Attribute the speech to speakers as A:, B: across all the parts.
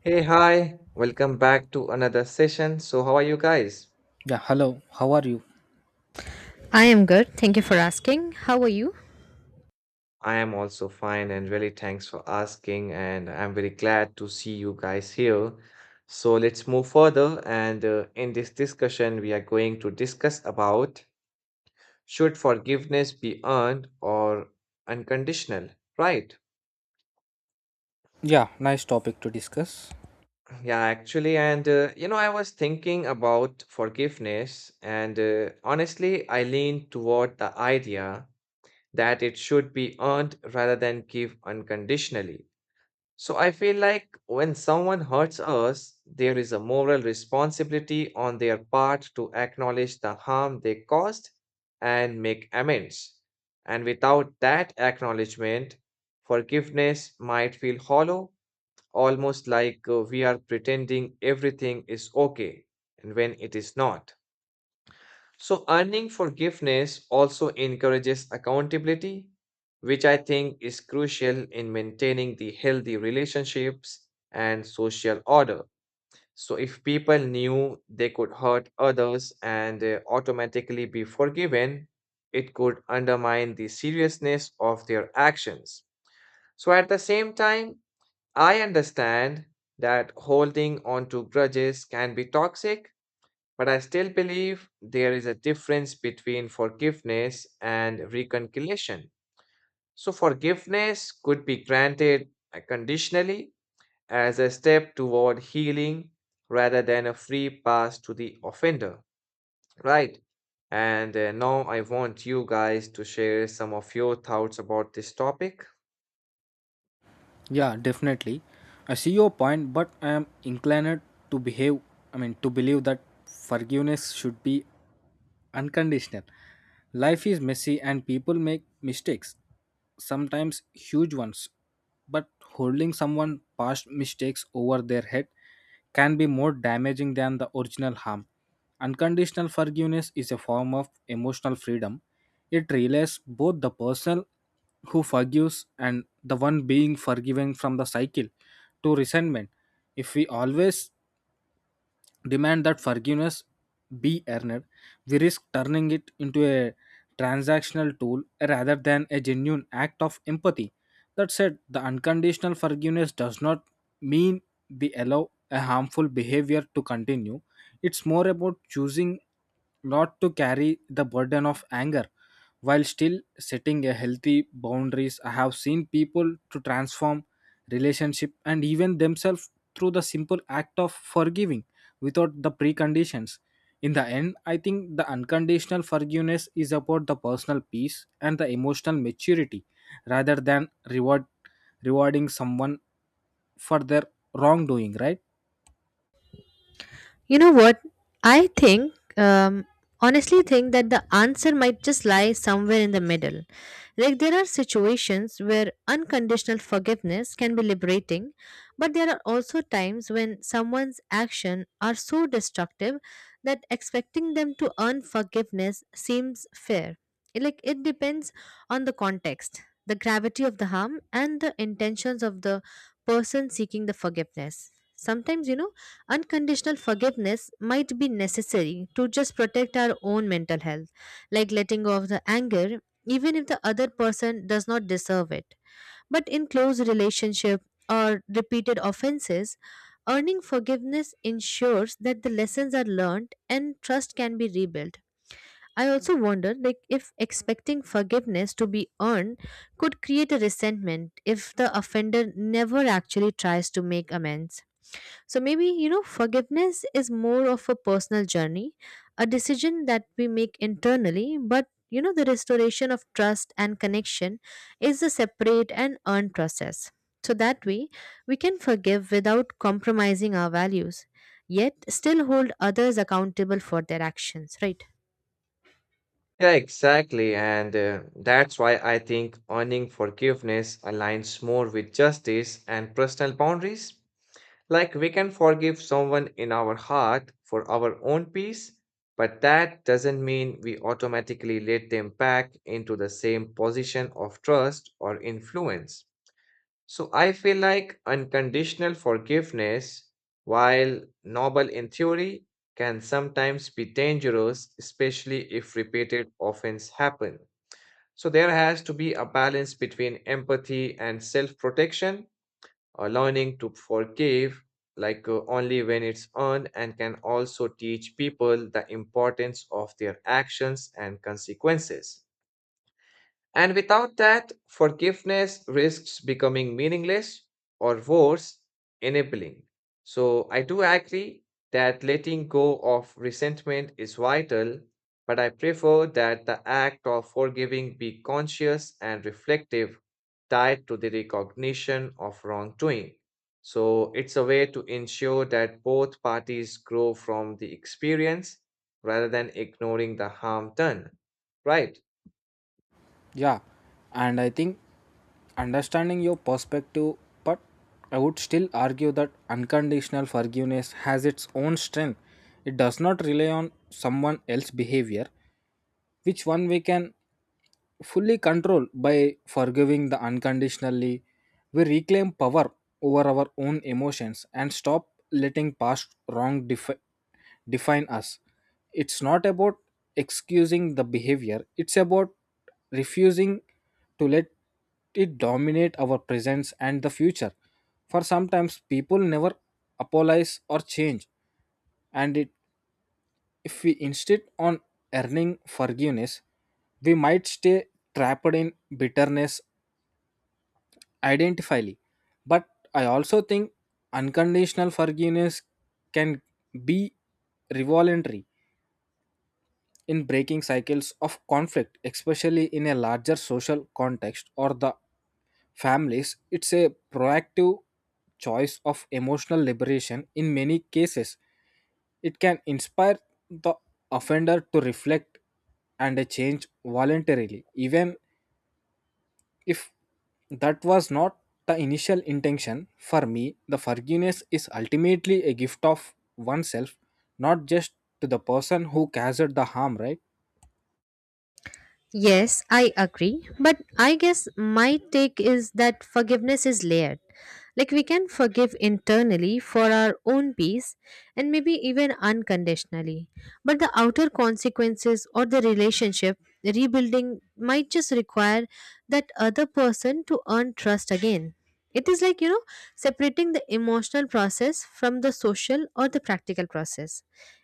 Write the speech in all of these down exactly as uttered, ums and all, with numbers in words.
A: Hey, hi, welcome back to another session. So, how are you guys?
B: Yeah, hello. How are you?
C: I am good. Thank you for asking. How are you?
A: I am also fine and really thanks for asking. And I'm very glad to see you guys here. So, let's move further. And uh, in this discussion, we are going to discuss about should forgiveness be earned or unconditional, right?
B: Yeah, nice topic to discuss.
A: Yeah, actually. And uh, you know, I was thinking about forgiveness, and uh, honestly, I lean toward the idea that it should be earned rather than give unconditionally. So I feel like when someone hurts us, there is a moral responsibility on their part to acknowledge the harm they caused and make amends. And without that acknowledgement, forgiveness might feel hollow, almost like uh, we are pretending everything is okay and when it is not. So, earning forgiveness also encourages accountability, which I think is crucial in maintaining the healthy relationships and social order. So, if people knew they could hurt others and uh, automatically be forgiven, it could undermine the seriousness of their actions. So, at the same time, I understand that holding on to grudges can be toxic, but I still believe there is a difference between forgiveness and reconciliation. So, forgiveness could be granted uh, conditionally as a step toward healing rather than a free pass to the offender, right? And uh, now I want you guys to share some of your thoughts about this topic.
B: Yeah, definitely. I see your point, but I am inclined to behave, I mean, to believe that forgiveness should be unconditional. Life is messy and people make mistakes, sometimes huge ones. But holding someone's past mistakes over their head can be more damaging than the original harm. Unconditional forgiveness is a form of emotional freedom. It relays both the person who forgives and the one being forgiven from the cycle to resentment. If we always demand that forgiveness be earned, we risk turning it into a transactional tool rather than a genuine act of empathy. That said, the unconditional forgiveness does not mean we allow a harmful behavior to continue. It's more about choosing not to carry the burden of anger while still setting a healthy boundaries. I have seen people to transform relationship and even themselves through the simple act of forgiving without the preconditions. In the end, I think the unconditional forgiveness is about the personal peace and the emotional maturity rather than reward rewarding someone for their wrongdoing, right?
C: You know what? I think, um, honestly, think that the answer might just lie somewhere in the middle. Like, there are situations where unconditional forgiveness can be liberating, but there are also times when someone's actions are so destructive that expecting them to earn forgiveness seems fair. It- Like, it depends on the context, the gravity of the harm, and the intentions of the person seeking the forgiveness. Sometimes, you know, unconditional forgiveness might be necessary to just protect our own mental health, like letting go of the anger, even if the other person does not deserve it. But in close relationship or repeated offenses, earning forgiveness ensures that the lessons are learned and trust can be rebuilt. I also wonder, like, if expecting forgiveness to be earned could create a resentment if the offender never actually tries to make amends. So maybe, you know, forgiveness is more of a personal journey, a decision that we make internally, but you know, the restoration of trust and connection is a separate and earned process. So that way, we can forgive without compromising our values, yet still hold others accountable for their actions, right?
A: Yeah, exactly. And uh, that's why I think earning forgiveness aligns more with justice and personal boundaries. Like we can forgive someone in our heart for our own peace, but that doesn't mean we automatically let them back into the same position of trust or influence. So I feel like unconditional forgiveness, while noble in theory, can sometimes be dangerous, especially if repeated offense happen. So there has to be a balance between empathy and self-protection, uh, learning to forgive, like uh, only when it's earned, and can also teach people the importance of their actions and consequences. And without that, forgiveness risks becoming meaningless or worse, enabling. So I do agree that letting go of resentment is vital, but I prefer that the act of forgiving be conscious and reflective, tied to the recognition of wrongdoing. So it's a way to ensure that both parties grow from the experience rather than ignoring the harm done, right?
B: Yeah. And I think understanding your perspective, but I would still argue that unconditional forgiveness has its own strength. It does not rely on someone else's behavior, which one we can fully control by forgiving the unconditionally we reclaim power over our own emotions and stop letting past wrong defi- define us. It's not about excusing the behavior, it's about refusing to let it dominate our presence and the future. For sometimes people never apologize or change, and it, if we insist on earning forgiveness, we might stay trapped in bitterness identically. But I also think unconditional forgiveness can be revolutionary in breaking cycles of conflict, especially in a larger social context or the families. It's a proactive choice of emotional liberation in many cases. It can inspire the offender to reflect and a change voluntarily, even if that was not the initial intention. For me, the forgiveness is ultimately a gift of oneself, not just to the person who caused the harm, right?
C: Yes, I agree. But I guess my take is that forgiveness is layered. Like, we can forgive internally for our own peace and maybe even unconditionally. But the outer consequences or the relationship rebuilding might just require that other person to earn trust again. It is like, you know, separating the emotional process from the social or the practical process.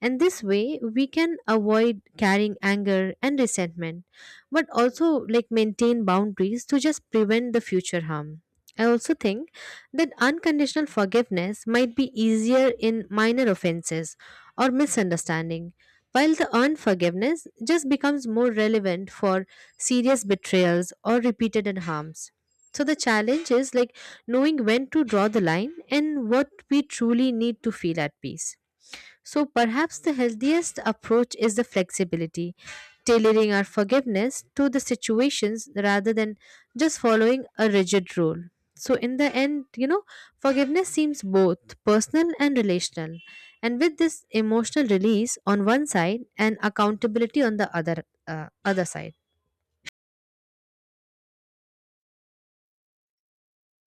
C: And this way, we can avoid carrying anger and resentment, but also like maintain boundaries to just prevent the future harm. I also think that unconditional forgiveness might be easier in minor offenses or misunderstanding, while the unforgiveness just becomes more relevant for serious betrayals or repeated harms. So the challenge is like knowing when to draw the line and what we truly need to feel at peace. So perhaps the healthiest approach is the flexibility, tailoring our forgiveness to the situations rather than just following a rigid rule. So, in the end, you know, forgiveness seems both personal and relational. And with this emotional release on one side and accountability on the other uh, other side.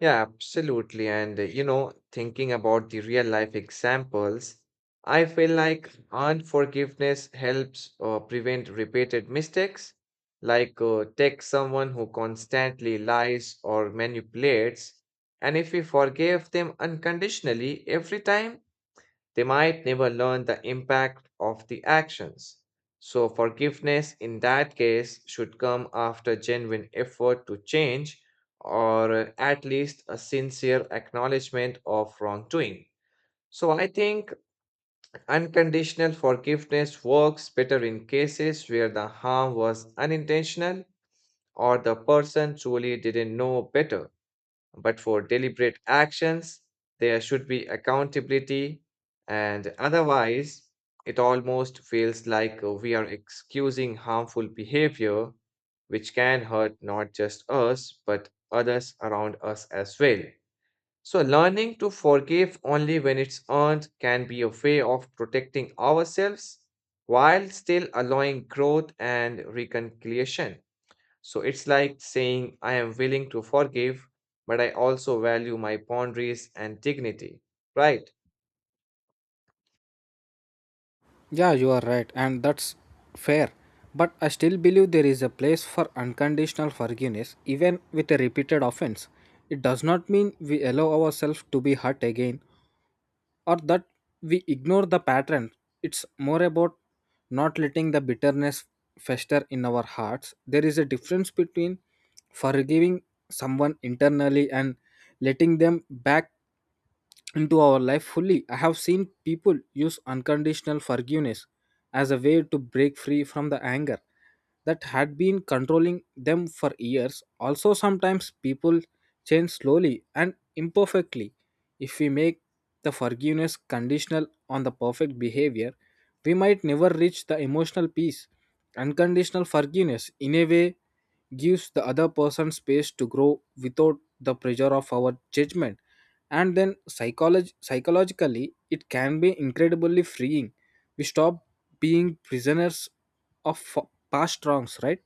A: Yeah, absolutely. And uh, you know, thinking about the real life examples, I feel like unforgiveness helps uh, prevent repeated mistakes. Like, uh, take someone who constantly lies or manipulates, and if we forgive them unconditionally every time, they might never learn the impact of the actions. So, forgiveness in that case should come after genuine effort to change or uh, at least a sincere acknowledgement of wrongdoing. So, I think unconditional forgiveness works better in cases where the harm was unintentional or the person truly didn't know better. But for deliberate actions, there should be accountability, and otherwise, it almost feels like uh, we are excusing harmful behavior, which can hurt not just us, but others around us as well. So, learning to forgive only when it's earned can be a way of protecting ourselves while still allowing growth and reconciliation. So it's like saying, I am willing to forgive, but I also value my boundaries and dignity. Right?
B: Yeah, you are right, and that's fair. But I still believe there is a place for unconditional forgiveness, even with a repeated offense. It does not mean we allow ourselves to be hurt again or that we ignore the pattern. It's more about not letting the bitterness fester in our hearts. There is a difference between forgiving someone internally and letting them back into our life fully. I have seen people use unconditional forgiveness as a way to break free from the anger that had been controlling them for years. Also, sometimes people change slowly and imperfectly. If we make the forgiveness conditional on the perfect behavior, we might never reach the emotional peace. Unconditional forgiveness, in a way, gives the other person space to grow without the pressure of our judgment. And then psycholog- psychologically, it can be incredibly freeing. We stop being prisoners of f- past wrongs, right?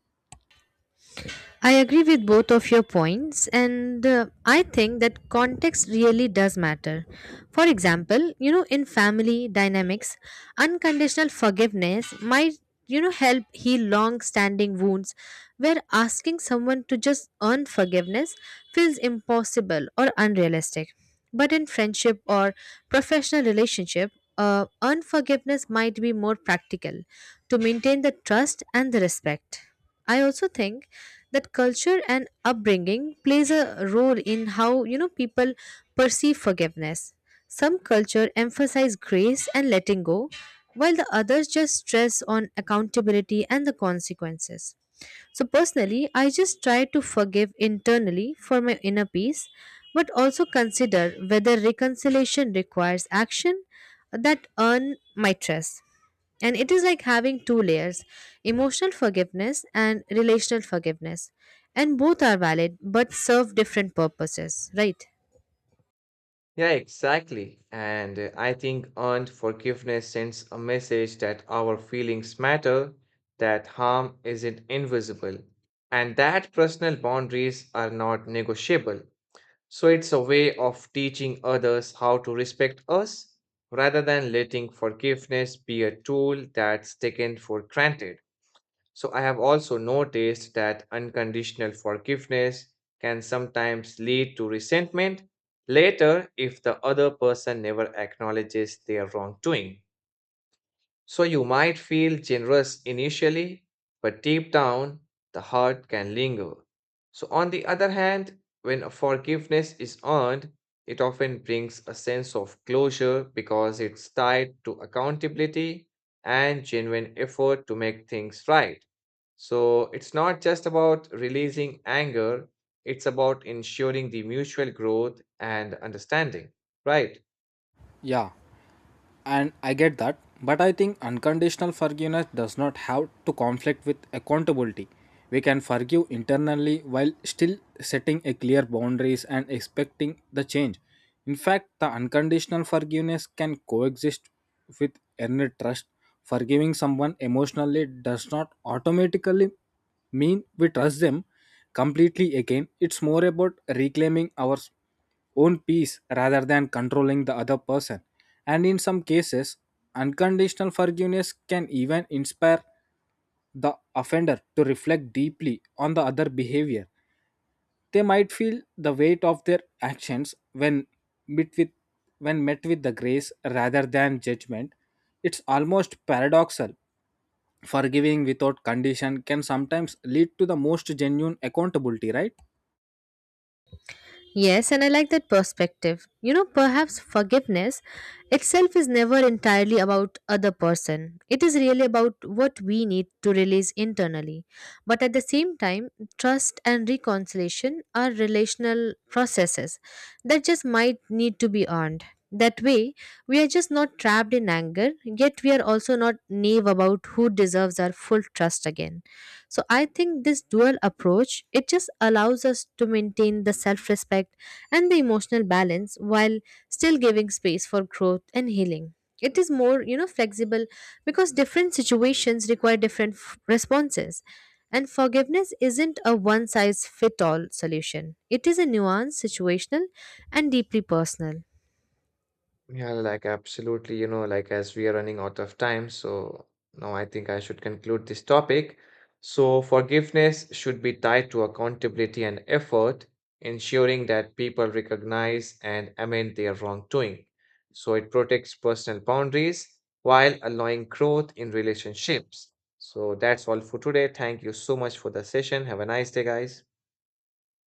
C: I agree with both of your points, and uh, I think that context really does matter. For example, you know, in family dynamics, unconditional forgiveness might, you know, help heal long standing wounds where asking someone to just earn forgiveness feels impossible or unrealistic. But in friendship or professional relationship, uh, unforgiveness might be more practical to maintain the trust and the respect. I also think that culture and upbringing plays a role in how, you know, people perceive forgiveness. Some culture emphasize grace and letting go, while the others just stress on accountability and the consequences. So personally, I just try to forgive internally for my inner peace, but also consider whether reconciliation requires action that earn my trust. And it is like having two layers: emotional forgiveness and relational forgiveness. And both are valid but serve different purposes, right?
A: Yeah, exactly. And uh, I think earned forgiveness sends a message that our feelings matter, that harm isn't invisible, and that personal boundaries are not negotiable. So it's a way of teaching others how to respect us rather than letting forgiveness be a tool that's taken for granted. So I have also noticed that unconditional forgiveness can sometimes lead to resentment later if the other person never acknowledges their wrongdoing. So you might feel generous initially, but deep down, the hurt can linger. So, on the other hand, when forgiveness is earned, it often brings a sense of closure because it's tied to accountability and genuine effort to make things right. So, it's not just about releasing anger, it's about ensuring the mutual growth and understanding, right?
B: Yeah. And I get that, but I think unconditional forgiveness does not have to conflict with accountability. We can forgive internally while still setting a clear boundaries and expecting the change. In fact, the unconditional forgiveness can coexist with earned trust. Forgiving someone emotionally does not automatically mean we trust them completely again. It's more about reclaiming our own peace rather than controlling the other person. And in some cases, unconditional forgiveness can even inspire the offender to reflect deeply on the other behavior. They might feel the weight of their actions when met with, when met with the grace rather than judgment. It's almost paradoxal. Forgiving without condition can sometimes lead to the most genuine accountability, right?
C: Yes, and I like that perspective. You know, perhaps forgiveness itself is never entirely about other person. It is really about what we need to release internally. But at the same time, trust and reconciliation are relational processes that just might need to be earned. That way, we are just not trapped in anger, yet we are also not naive about who deserves our full trust again. So I think this dual approach, it just allows us to maintain the self-respect and the emotional balance while still giving space for growth and healing. It is more, you know, flexible, because different situations require different f- responses. And forgiveness isn't a one size fit all solution. It is a nuanced, situational, and deeply personal.
A: Yeah, like absolutely, you know, like as we are running out of time, so now I think I should conclude this topic. So, forgiveness should be tied to accountability and effort, ensuring that people recognize and amend their wrongdoing. So, it protects personal boundaries while allowing growth in relationships. So, that's all for today. Thank you so much for the session. Have a nice day, guys.